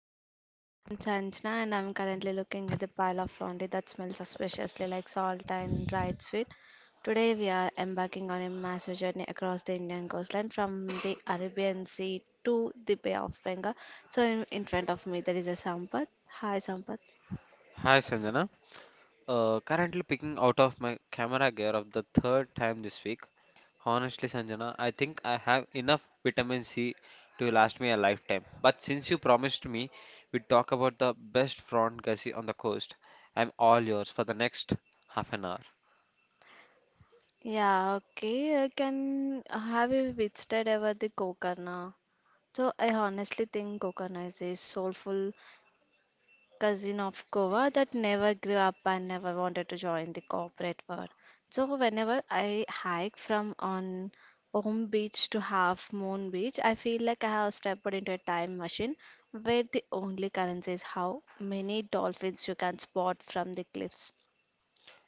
I'm Sanjana, and I'm currently looking at the pile of laundry that smells suspiciously like salt and dried sweet. Today, we are embarking on a massive journey across the Indian coastline from the Arabian Sea to the Bay of Bengal. So, in front of me, there is a Sampath. Hi, Sampath. Hi Sanjana. Currently picking out of my camera gear of the third time this week. Honestly, Sanjana, I think I have enough vitamin C to last me a lifetime. But since you promised me we talk about the best front gussie on the coast, I'm all yours for the next half an hour. Yeah, okay. I can have you visited ever the Gokarna? So I honestly think Gokarna is a soulful cousin of Goa that never grew up and never wanted to join the corporate world. So whenever I hike from on Om Beach to Half Moon Beach, I feel like I have stepped into a time machine where the only currency is how many dolphins you can spot from the cliffs.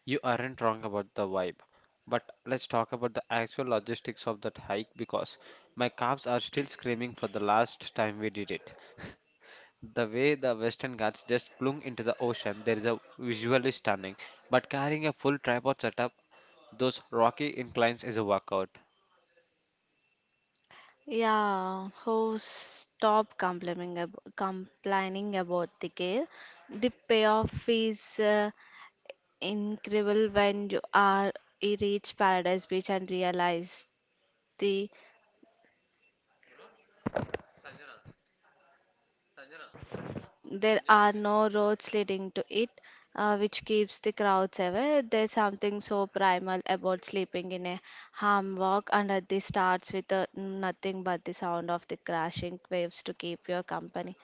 You aren't wrong about the vibe. But let's talk about the actual logistics of that hike because my calves are still screaming for the last time we did it. The way the Western Ghats just plung into the ocean, there is a visually stunning. But carrying a full tripod setup, those rocky inclines is a workout. Yeah, who stop complaining ab complaining about the gale. The payoff is incredible when you reach Paradise Beach and realize the there are no roads leading to it, which keeps the crowds away. There's something so primal about sleeping in a hammock under the stars with nothing but the sound of the crashing waves to keep your company.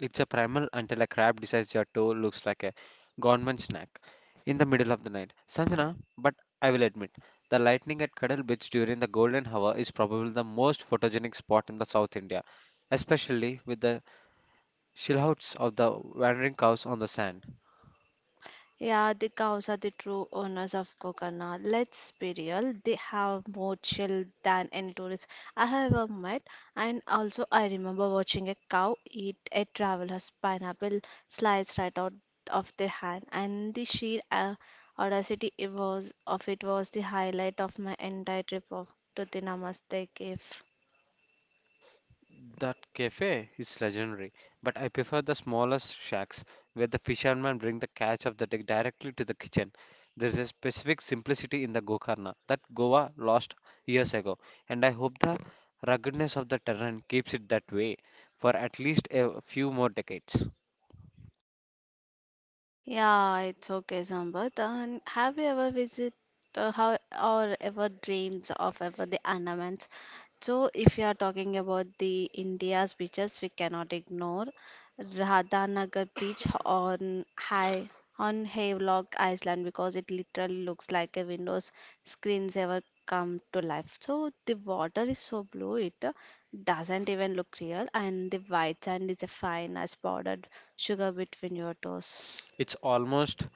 It's a primal until a crab decides your toe looks like a government snack in the middle of the night. Sanjana, but I will admit, the lightning at Cuddle Beach during the golden hour is probably the most photogenic spot in the South India, especially with the silhouettes of the wandering cows on the sand. Yeah, the cows are the true owners of Kokana. Let's be real, they have more chill than any tourist I have ever met. And also, I remember watching a cow eat a traveler's pineapple slice right out of their hand, and the sheer audacity it was the highlight of my entire trip to the Namaste cave. That cafe is legendary, but I prefer the smaller shacks where the fishermen bring the catch of the day directly to the kitchen. There's a specific simplicity in the Gokarna that Goa lost years ago, and I hope the ruggedness of the terrain keeps it that way for at least a few more decades. Yeah, it's okay, Sambat. And have you ever visited how or ever dreamed of ever the ornaments? So, if you are talking about the India's beaches, we cannot ignore Radhanagar beach on Havelock Island, because it literally looks like a Windows screens ever come to life. So the water is so blue it doesn't even look real, and the white sand is a fine as powdered sugar between your toes. It's almost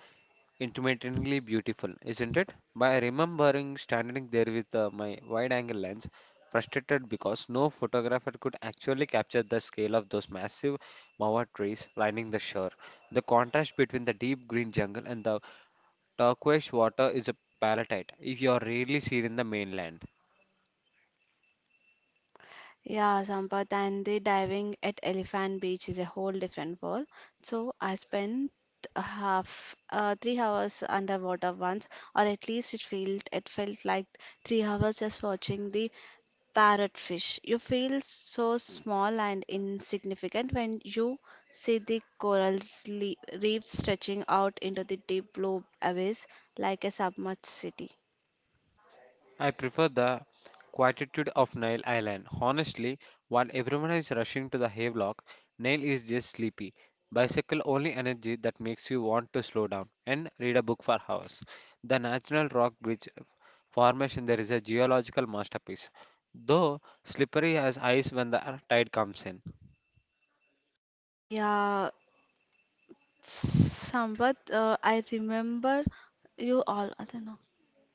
intermittently beautiful, isn't it? By remembering standing there with my wide angle lens, frustrated because no photographer could actually capture the scale of those massive mawa trees lining the shore. The contrast between the deep green jungle and the turquoise water is a palatite if you are rarely seen in the mainland. Yeah, Sampath, and the diving at Elephant Beach is a whole different world. So I spent a half three hours underwater once, or at least it felt like three hours just watching the parrotfish. You feel so small and insignificant when you see the coral le- reefs stretching out into the deep blue abyss like a submerged city. I prefer the quietude of Nail Island. Honestly, while everyone is rushing to the hayloft, Nail is just sleepy. Bicycle only energy that makes you want to slow down and read a book for hours. The National Rock Bridge formation there is a geological masterpiece, though slippery as ice when the tide comes in. Yeah, Samvad, I remember you all. I don't know.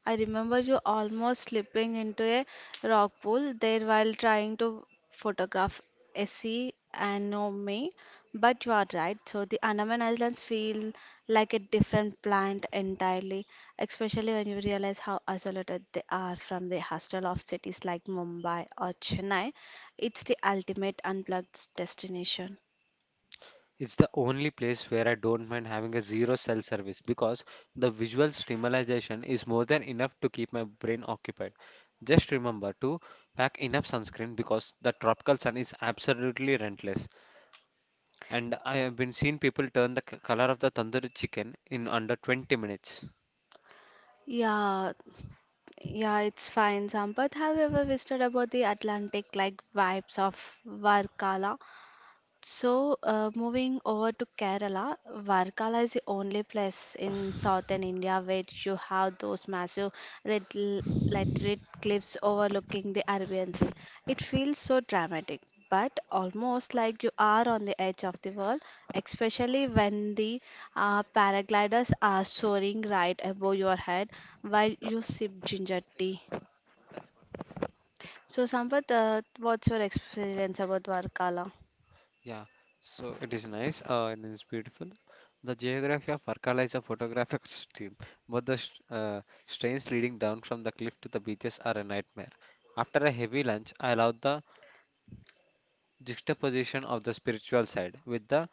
I remember you almost slipping into a rock pool there while trying to photograph Essie and no me. But you are right. So the Andaman Islands feel like a different planet entirely, especially when you realize how isolated they are from the hustle of cities like Mumbai or Chennai. It's the ultimate unplugged destination. It's the only place where I don't mind having a zero cell service because the visual stimulation is more than enough to keep my brain occupied. Just remember to pack enough sunscreen because the tropical sun is absolutely relentless. And I have been seeing people turn the color of the tandoori chicken in under 20 minutes. Yeah, Yeah, it's fine, Sampath. Have you ever visited about the Atlantic like vibes of Varkala? So, moving over to Kerala, Varkala is the only place in southern India where you have those massive red laterite cliffs overlooking the Arabian Sea. It feels so dramatic, but almost like you are on the edge of the world, especially when the paragliders are soaring right above your head while you sip ginger tea. So, Sampath, what's your experience about Varkala? Yeah, so it is nice and it's beautiful. The geography of Varkala is a photographic stream, but the strains leading down from the cliff to the beaches are a nightmare. After a heavy lunch, I love the juxtaposition of the spiritual side with the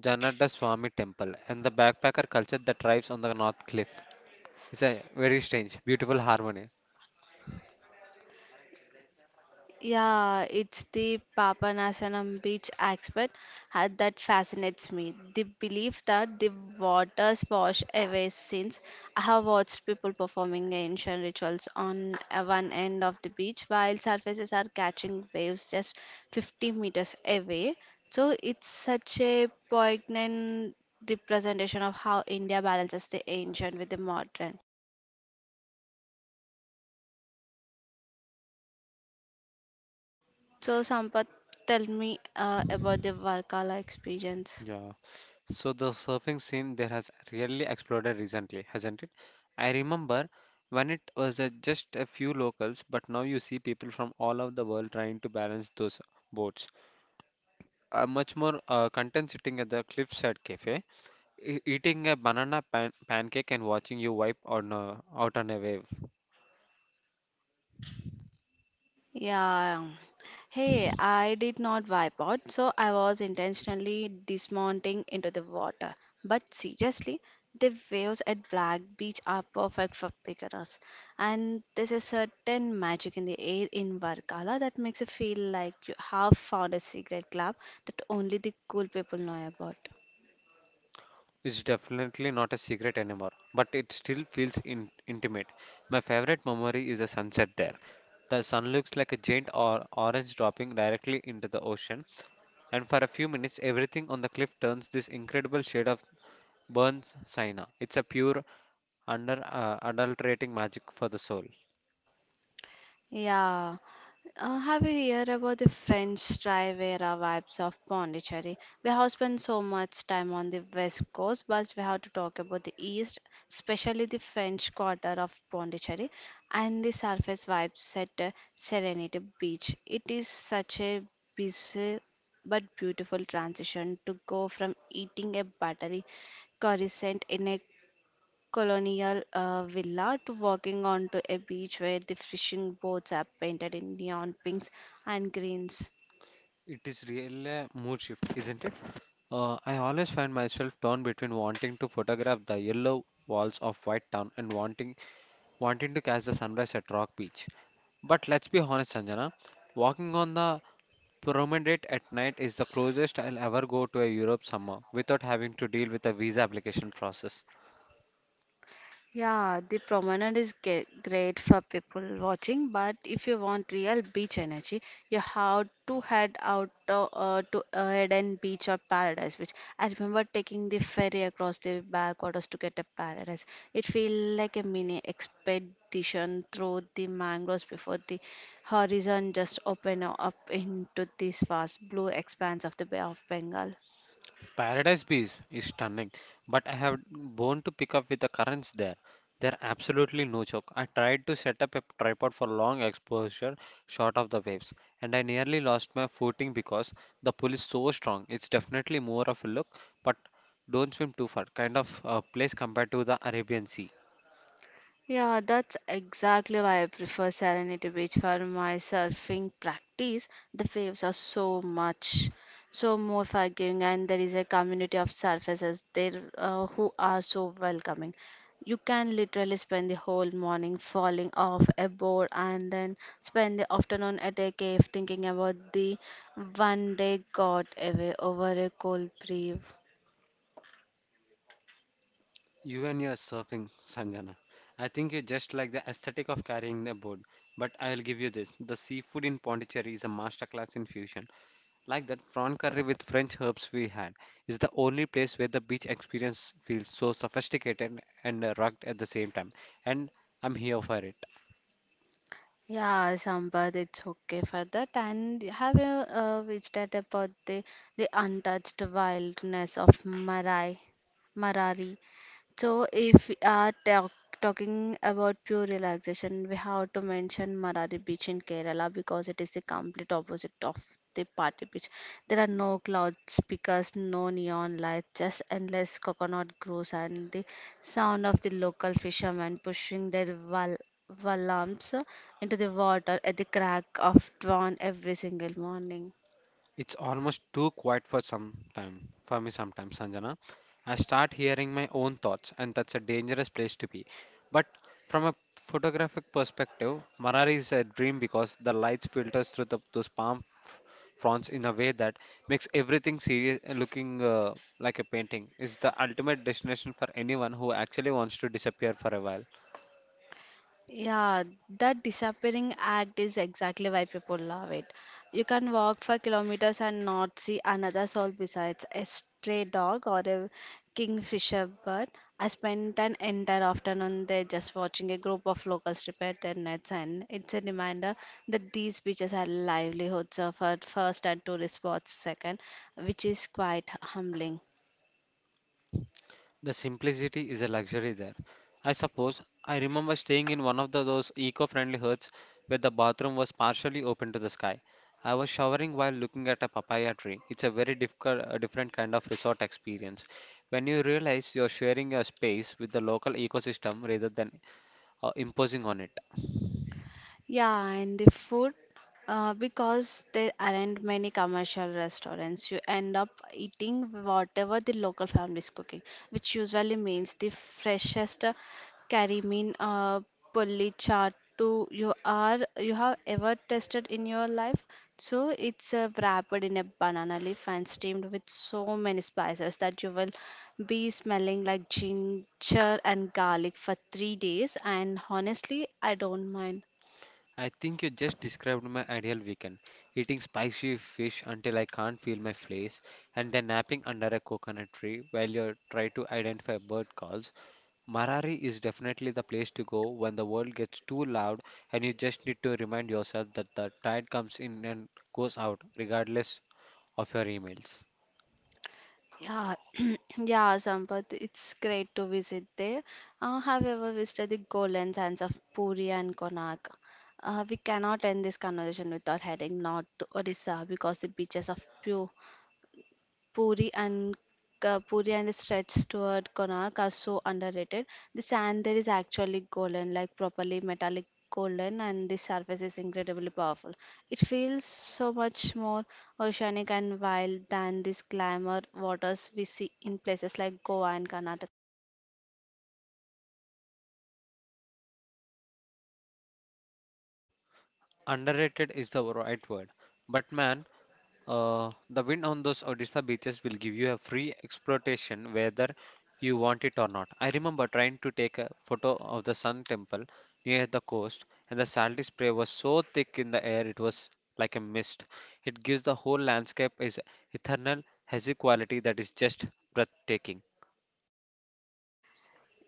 Janada Swami temple and the backpacker culture that thrives on the north cliff. It's a very strange, beautiful harmony. Yeah, it's the Papanasanam beach aspect that fascinates me. The belief that the waters wash away sins. I have watched people performing ancient rituals on one end of the beach while surfaces are catching waves just 50 meters away. So it's such a poignant representation of how India balances the ancient with the modern. So, Sampath, tell me about the Varkala experience. Yeah. So the surfing scene there has really exploded recently, hasn't it? I remember when it was just a few locals, but now you see people from all over the world trying to balance those boards. Much more content sitting at the cliffside cafe, eating a banana pan pancake and watching you wipe on out on a wave. Yeah. Hey, I did not wipe out, so I was intentionally dismounting into the water. But seriously, the waves at Black Beach are perfect for beginners. And there's a certain magic in the air in Varkala that makes you feel like you have found a secret club that only the cool people know about. It's definitely not a secret anymore, but it still feels intimate. My favorite memory is the sunset there. The sun looks like a giant or orange dropping directly into the ocean, and for a few minutes, everything on the cliff turns this incredible shade of burns sienna. It's a pure, under adulterating magic for the soul. Yeah. Have you heard about the French Riviera vibes of Pondicherry? We have spent so much time on the west coast, but we have to talk about the east, especially the French quarter of Pondicherry and the surface vibes at Serenity Beach. It is such a busy but beautiful transition to go from eating a buttery croissant in a colonial villa to walking onto a beach where the fishing boats are painted in neon pinks and greens. It is really a mood shift, isn't it? I always find myself torn between wanting to photograph the yellow walls of White Town and wanting to catch the sunrise at Rock Beach. But let's be honest, Sanjana, walking on the promenade at night is the closest I'll ever go to a Europe summer without having to deal with a visa application process. Yeah, the promenade is great for people watching, but if you want real beach energy, you have to head out to, Eden Beach or Paradise Beach. I remember taking the ferry across the backwaters to get to Paradise. It feels like a mini expedition through the mangroves before the horizon just open up into this vast blue expanse of the Bay of Bengal. Paradise Beach is stunning, but I have born to pick up with the currents there. They're absolutely no joke. I tried to set up a tripod for long exposure shot of the waves, and I nearly lost my footing because the pull is so strong. It's definitely more of a look, but don't swim too far kind of place compared to the Arabian Sea. Yeah, that's exactly why I prefer Serenity Beach for my surfing practice. The waves are so more forgiving, and there is a community of surfers there who are so welcoming. You can literally spend the whole morning falling off a board and then spend the afternoon at a cave thinking about the one day got away over a cold brew. You and your surfing, Sanjana. I think you just like the aesthetic of carrying the board. But I will give you this. The seafood in Pondicherry is a masterclass in fusion. Like that prawn curry with French herbs we had is the only place where the beach experience feels so sophisticated and rugged at the same time. And I'm here for it. Yeah, Sampath, it's okay for that. And have you visited about the untouched wildness of Marari? So, if we are talking about pure relaxation, we have to mention Marari Beach in Kerala because it is the complete opposite of the party beach. There are no clouds, speakers, no neon lights, just endless coconut groves and the sound of the local fishermen pushing their wal valams into the water at the crack of dawn every single morning. It's almost too quiet for some time for me sometimes, Sanjana. I start hearing my own thoughts, and that's a dangerous place to be. But from a photographic perspective, Marari is a dream because the lights filters through those palm fronds in a way that makes everything serious looking like a painting. It's the ultimate destination for anyone who actually wants to disappear for a while. Yeah, that disappearing act is exactly why people love it. You can walk for kilometers and not see another soul besides a stray dog or a kingfisher bird. I spent an entire afternoon there just watching a group of locals repair their nets, and it's a reminder that these beaches are livelihoods of our first and tourist spots second, which is quite humbling. The simplicity is a luxury there. I suppose I remember staying in one of those eco friendly huts where the bathroom was partially open to the sky. I was showering while looking at a papaya tree. It's a very difficult, a different kind of resort experience. When you realize you're sharing your space with the local ecosystem rather than imposing on it. Yeah, and the food, because there aren't many commercial restaurants, you end up eating whatever the local family is cooking, which usually means the freshest curry mean pulli chaat to you are you have ever tasted in your life. So it's wrapped in a banana leaf and steamed with so many spices that you will be smelling like ginger and garlic for 3 days. And honestly, I don't mind. I think you just described my ideal weekend eating spicy fish until I can't feel my face, and then napping under a coconut tree while you try to identify bird calls. Marari is definitely the place to go when the world gets too loud and you just need to remind yourself that the tide comes in and goes out regardless of your emails. Yeah, yeah, Sampath, it's great to visit there. Have you ever visited the golden sands of Puri and Konark? We cannot end this conversation without heading north to Odisha, because the beaches of Pure Puri and Ka- Puri and the stretch toward Konark are so underrated. The sand there is actually golden, like properly metallic golden, and the surface is incredibly powerful. It feels so much more oceanic and wild than these glamour waters we see in places like Goa and Karnataka. Underrated is the right word. But man, the wind on those Odisha beaches will give you a free exploitation whether you want it or not. I remember trying to take a photo of the Sun Temple near the coast, and the salty spray was so thick in the air it was like a mist. It gives the whole landscape its eternal hazy quality that is just breathtaking.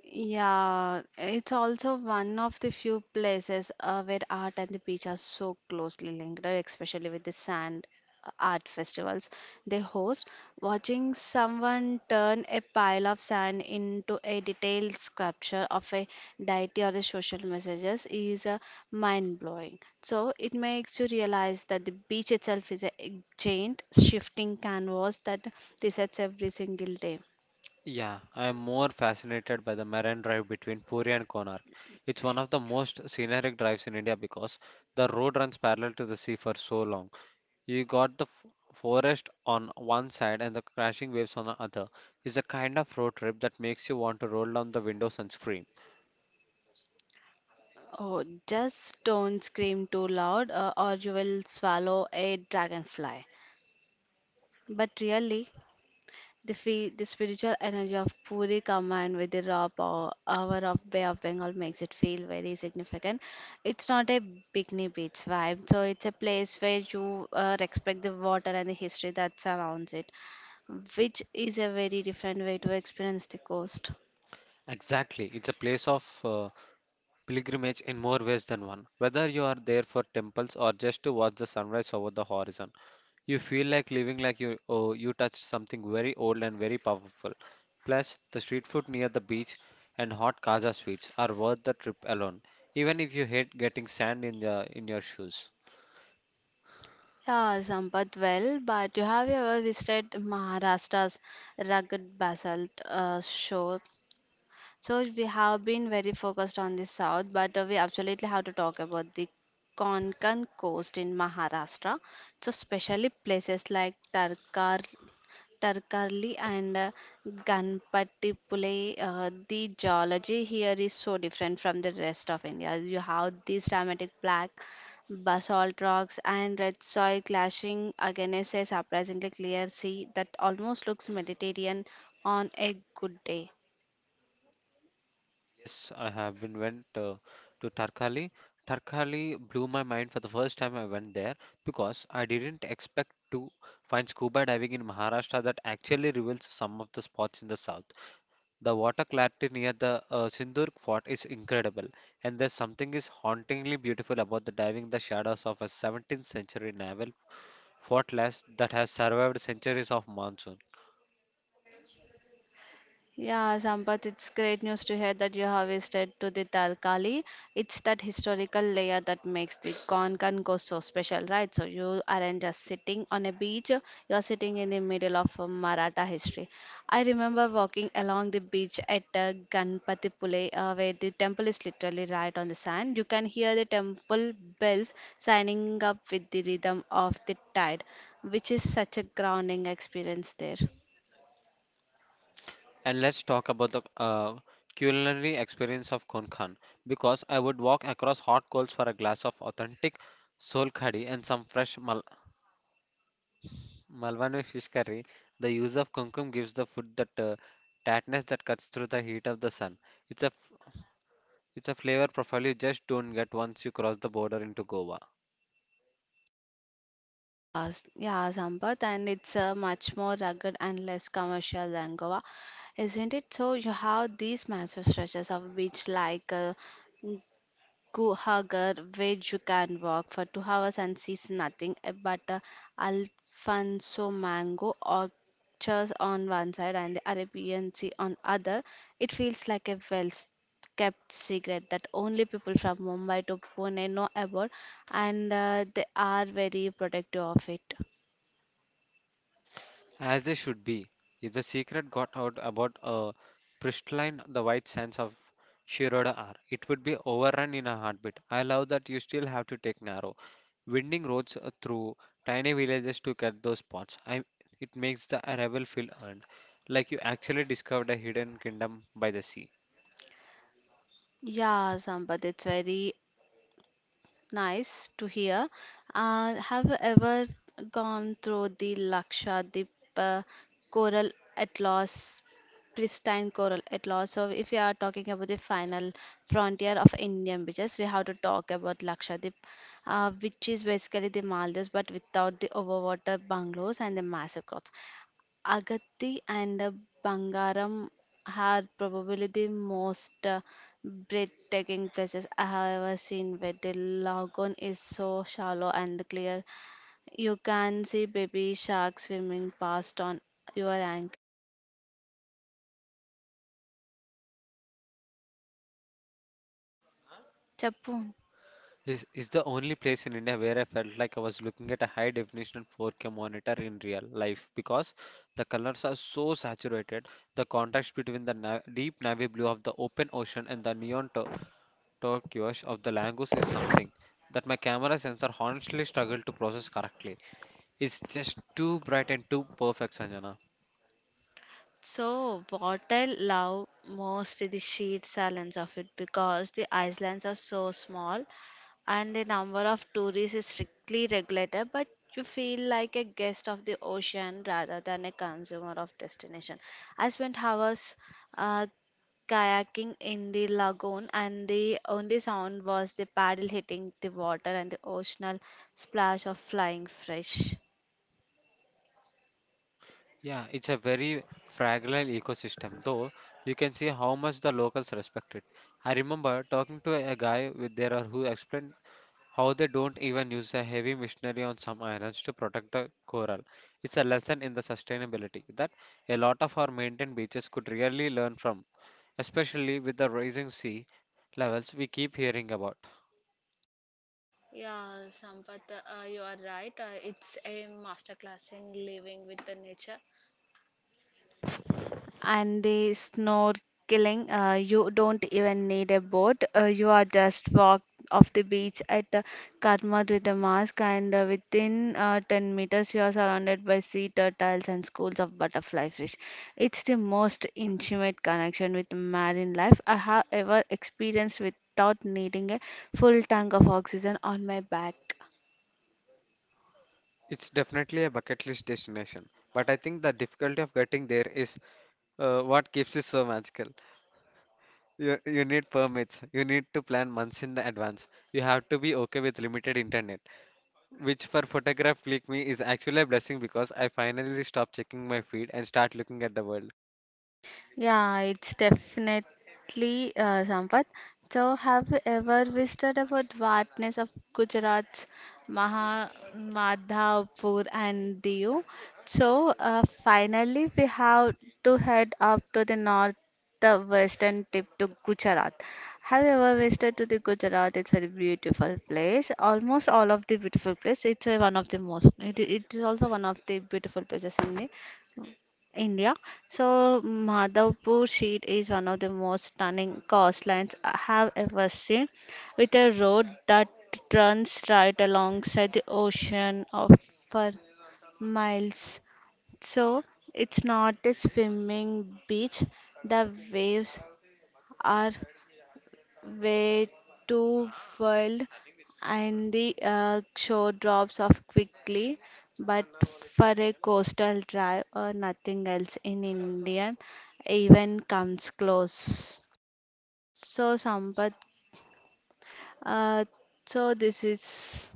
Yeah, it's also one of the few places where art and the beach are so closely linked, especially with the sand art festivals they host. Watching someone turn a pile of sand into a detailed sculpture of a deity or a social messages is mind-blowing. So it makes you realize that the beach itself is a giant shifting canvas that resets every single day. Yeah, I am more fascinated by the Marine Drive between Puri and Konark. It's one of the most scenic drives in India because the road runs parallel to the sea for so long. You got the forest on one side and the crashing waves on the other. It's a kind of road trip that makes you want to roll down the windows and scream. Oh, just don't scream too loud, or you will swallow a dragonfly. But really, the spiritual energy of Puri combined with the raw hour of Bay of Bengal makes it feel very significant. It's not a bikini beach vibe, so it's a place where you respect the water and the history that surrounds it, which is a very different way to experience the coast. Exactly, it's a place of pilgrimage in more ways than one. Whether you are there for temples or just to watch the sunrise over the horizon, you feel like living like you oh, you touched something very old and very powerful. Plus, the street food near the beach and hot casa sweets are worth the trip alone, even if you hate getting sand in the in your shoes. Yeah, Sampath, well, but you ever visited Maharashtra's rugged basalt shore? So we have been very focused on the south, but we absolutely have to talk about the Konkan coast in Maharashtra. So especially places like Tarkarli and Ganpatipule, the geology here is so different from the rest of India. You have these dramatic black basalt rocks and red soil clashing against a surprisingly clear sea that almost looks Mediterranean on a good day. Yes, I have been went to Tarkali. Tarkali blew my mind for the first time I went there because I didn't expect to find scuba diving in Maharashtra that actually reveals some of the spots in the south. The water clarity near the Sindhurg fort is incredible, and there's something is hauntingly beautiful about the diving the shadows of a 17th century naval fortress that has survived centuries of monsoon. Yeah, Sampath, it's great news to hear that you have visited to the Tarkali. It's that historical layer that makes the Konkan go so special, right? So you aren't just sitting on a beach, you're sitting in the middle of a Maratha history. I remember walking along the beach at Ganpatipule, where the temple is literally right on the sand. You can hear the temple bells signing up with the rhythm of the tide, which is such a grounding experience there. And let's talk about the culinary experience of Konkan because I would walk across hot coals for a glass of authentic sol khadi and some fresh Malwani fish curry. The use of kumkum gives the food that tartness that cuts through the heat of the sun. It's a f- it's a flavor profile you just don't get once you cross the border into Goa. Yes, yeah, Sampath, and it's a much more rugged and less commercial than Goa, isn't it? So you have these massive stretches of beach like Go Hagar, where you can walk for 2 hours and sees nothing but a Alfonso mango orchards on one side and the Arabian Sea on other. It feels like a kept secret that only people from Mumbai to Pune know about, and they are very protective of it. As they should be. If the secret got out about a pristine, the white sands of Shiroda are, it would be overrun in a heartbeat. I love that you still have to take narrow, winding roads through tiny villages to get those spots. I, it makes the arrival feel earned, like you actually discovered a hidden kingdom by the sea. Yeah, Sampath, it's very nice to hear. Have you ever gone through the Lakshadweep uh, coral atlas, pristine coral atlas? So, if you are talking about the final frontier of Indian beaches, we have to talk about Lakshadweep, which is basically the Maldives but without the overwater bungalows and the massive crops. Agatti and Bangaram are probably the most breathtaking places I have ever seen where the lagoon is so shallow and clear. You can see baby sharks swimming past on your ankle. Chappu. Is the only place in India where I felt like I was looking at a high definition 4K monitor in real life because the colors are so saturated. The contrast between the na deep navy blue of the open ocean and the neon turquoise of the Langus is something that my camera sensor honestly struggled to process correctly. It's just too bright and too perfect, Sanjana. So, what I love most is the sheer silence of it because the islands are so small and the number of tourists is strictly regulated, but you feel like a guest of the ocean rather than a consumer of destination. I spent hours uh, kayaking in the lagoon, and the only sound was the paddle hitting the water and the oceanal splash of flying fish. Yeah, it's a very fragile ecosystem, though you can see how much the locals respect it. I remember talking to a guy with there who explained how they don't even use a heavy machinery on some islands to protect the coral. It's a lesson in the sustainability that a lot of our maintained beaches could really learn from, especially with the rising sea levels we keep hearing about. Yeah, Sampath, you are right. It's a masterclass in living with the nature. And the snorkeling, you don't even need a boat. You are just walk off the beach at Katmat with a mask, and within 10 meters, you are surrounded by sea turtles and schools of butterfly fish. It's the most intimate connection with marine life I have ever experienced without needing a full tank of oxygen on my back. It's definitely a bucket list destination, but I think the difficulty of getting there is what keeps it so magical. You need permits, you need to plan months in the advance, you have to be okay with limited internet which for photograph click me is actually a blessing because I finally stop checking my feed and start looking at the world. Yeah, it's definitely Sampath. So, have you ever visited about vastness of Gujarat's Maha Madhavpur and Diu? So, finally, we have to head up to the north, the western tip to Gujarat. Have you ever visited to the Gujarat? It's very beautiful place. Almost all of the beautiful place. It's one of the most. It is also one of the beautiful places in the India. So Madhavpur Sheet is one of the most stunning coastlines I have ever seen, with a road that runs right alongside the ocean of for miles. So it's not a swimming beach. The waves are way too wild and the shore drops off quickly. But for a coastal drive or nothing else in Indian even comes close. So Sampath, uh, so this is.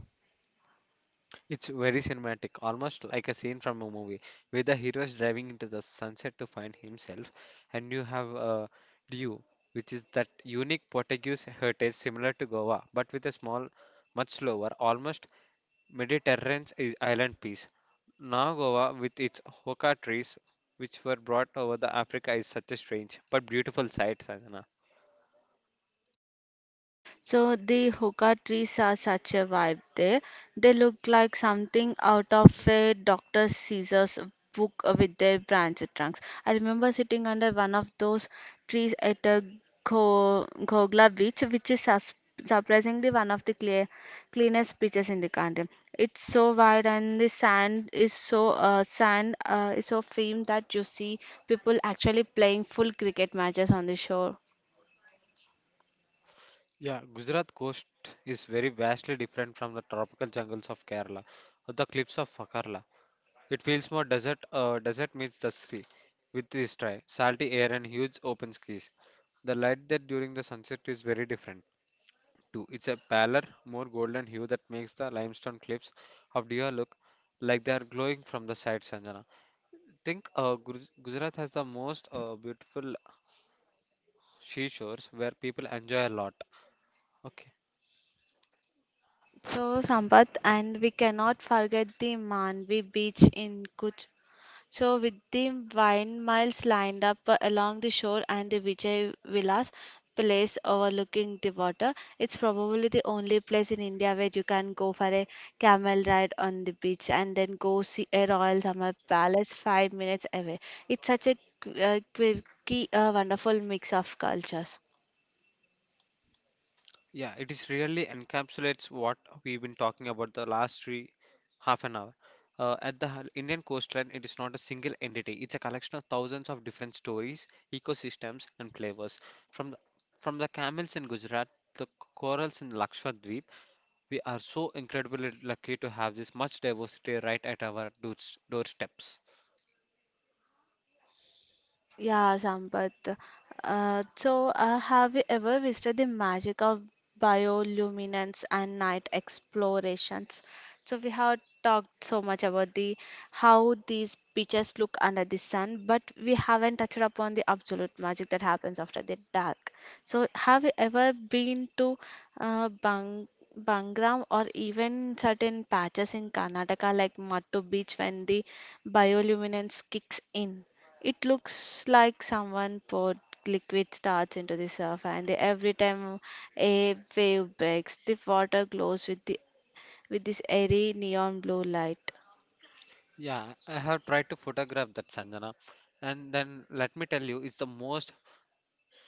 It's very cinematic, almost like a scene from a movie, where the hero is driving into the sunset to find himself, and you have a dew, which is that unique Portuguese heritage similar to Goa, but with a small, much slower, almost Mediterranean island piece. Now Goa, with its hoka trees, which were brought over the Africa, is such a strange but beautiful sight, Sanjana. So the hookah trees are such a vibe there. They look like something out of a Dr. Caesar's book with their branch trunks. I remember sitting under one of those trees at a Gogla beach, which is surprisingly one of the clear, cleanest beaches in the country. It's so wide and the sand is so firm that you see people actually playing full cricket matches on the shore. Yeah, Gujarat coast is very vastly different from the tropical jungles of Kerala or the cliffs of Kerala. It feels more desert. Desert meets the sea, with this dry, salty air and huge open skies. The light there during the sunset is very different too. It's a paler, more golden hue that makes the limestone cliffs of Deer look like they are glowing from the side. Sanjana, think Gujarat has the most beautiful seashores where people enjoy a lot. Okay. So, Sampath, and we cannot forget the Manvi beach in Kutch. So, with the wine miles lined up along the shore and the Vijay Vilas place overlooking the water, it's probably the only place in India where you can go for a camel ride on the beach and then go see a royal summer palace 5 minutes away. It's such a quirky, wonderful mix of cultures. Yeah, it is really encapsulates what we've been talking about the last three half an hour. At the Indian coastline, it is not a single entity. It's a collection of thousands of different stories, ecosystems, and flavors. From the, from the camels in Gujarat, the corals in Lakshadweep, we are so incredibly lucky to have this much diversity right at our doorsteps. Yeah, Sampath. Have you ever visited the magic of bioluminance and night explorations? So, we have talked so much about the how these beaches look under the sun, but we haven't touched upon the absolute magic that happens after the dark. So, have you ever been to uh, Bang Bangram or even certain patches in Karnataka like Mattu Beach when the bioluminance kicks in? It looks like someone poured liquid starch into the surf, and every time a wave breaks, the water glows with the with this airy neon blue light. Yeah, I have tried to photograph that, Sanjana. And then let me tell you, it's the most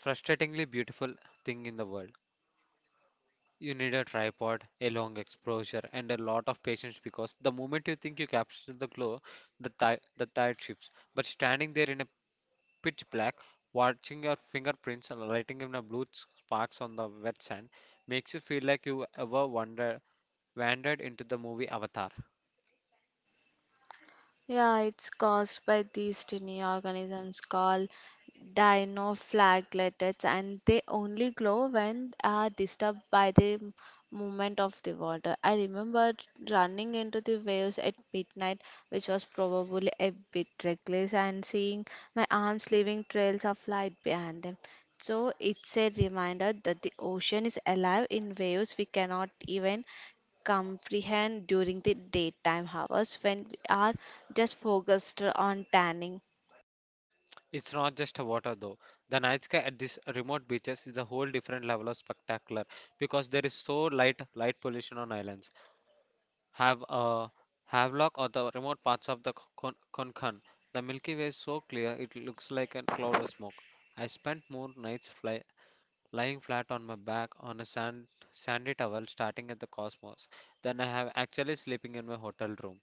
frustratingly beautiful thing in the world. You need a tripod, a long exposure, and a lot of patience because the moment you think you capture the glow, the tide shifts. But standing there in a pitch black, watching your fingerprints and lighting in a blue sparks on the wet sand, makes you feel like you ever wonder wandered into the movie Avatar. Yeah, it's caused by these tiny organisms called dinoflagellates, and they only glow when are disturbed by the movement of the water. I remember running into the waves at midnight, which was probably a bit reckless, and seeing my arms leaving trails of light behind them. So it's a reminder that the ocean is alive in waves we cannot even comprehend during the daytime hours when we are just focused on tanning. It's not just a water though. The night sky at these remote beaches is a whole different level of spectacular because there is so light pollution on islands. Have a havelock or the remote parts of the Konkan. The Milky Way is so clear it looks like a cloud of smoke. I spent more nights lying flat on my back on a sandy towel starting at the cosmos than I have actually sleeping in my hotel room.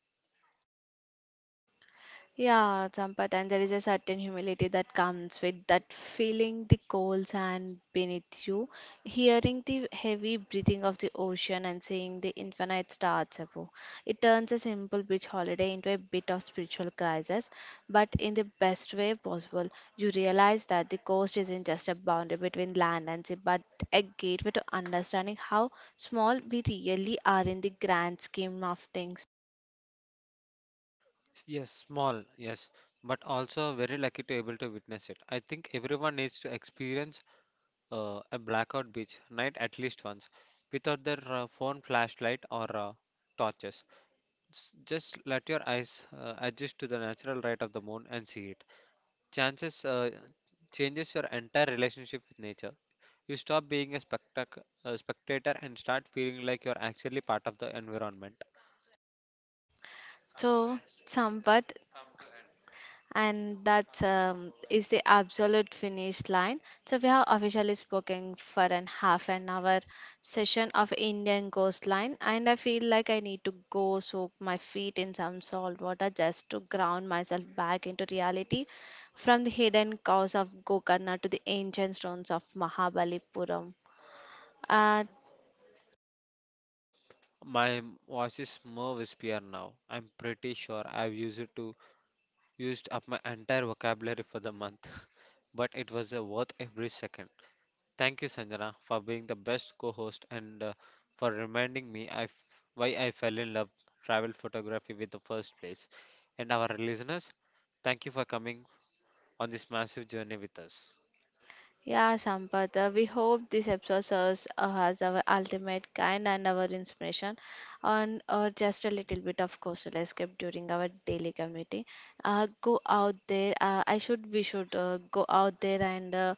Yeah, Sampath, and there is a certain humility that comes with that feeling the cold sand beneath you, hearing the heavy breathing of the ocean, and seeing the infinite stars above. It turns a simple beach holiday into a bit of spiritual crisis, but in the best way possible. You realize that the coast isn't just a boundary between land and sea, but a gateway to understanding how small we really are in the grand scheme of things. Yes, small, yes, but also very lucky to able to witness it. I think everyone needs to experience a blackout beach night at least once without their phone flashlight or torches. Just let your eyes adjust to the natural light of the moon and see it. Chances Changes your entire relationship with nature. You stop being a a spectator and start feeling like you're actually part of the environment. So, Sampath, and that is the absolute finish line. So we have officially spoken for an half an hour session of Indian coastline, and I feel like I need to go soak my feet in some salt water just to ground myself back into reality, from the hidden cows of Gokarna to the ancient stones of Mahabalipuram. Uh, My voice is more wispier now. I'm pretty sure I've used it to used up my entire vocabulary for the month, but it was worth every second. Thank you, Sanjana, for being the best co host and for reminding me why I fell in love travel photography with the first place. And our listeners, thank you for coming on this massive journey with us. Yeah, Sampath, we hope this episode serves as our ultimate kind and our inspiration on or just a little bit of coastal escape during our daily community. Go out there. We should go out there and uh,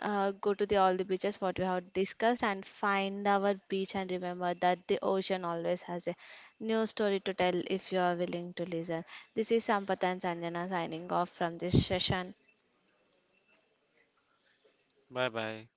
uh, go to the all the beaches what we have discussed and find our beach and remember that the ocean always has a new story to tell if you are willing to listen. This is Sampath and Sanjana signing off from this session. Bye bye.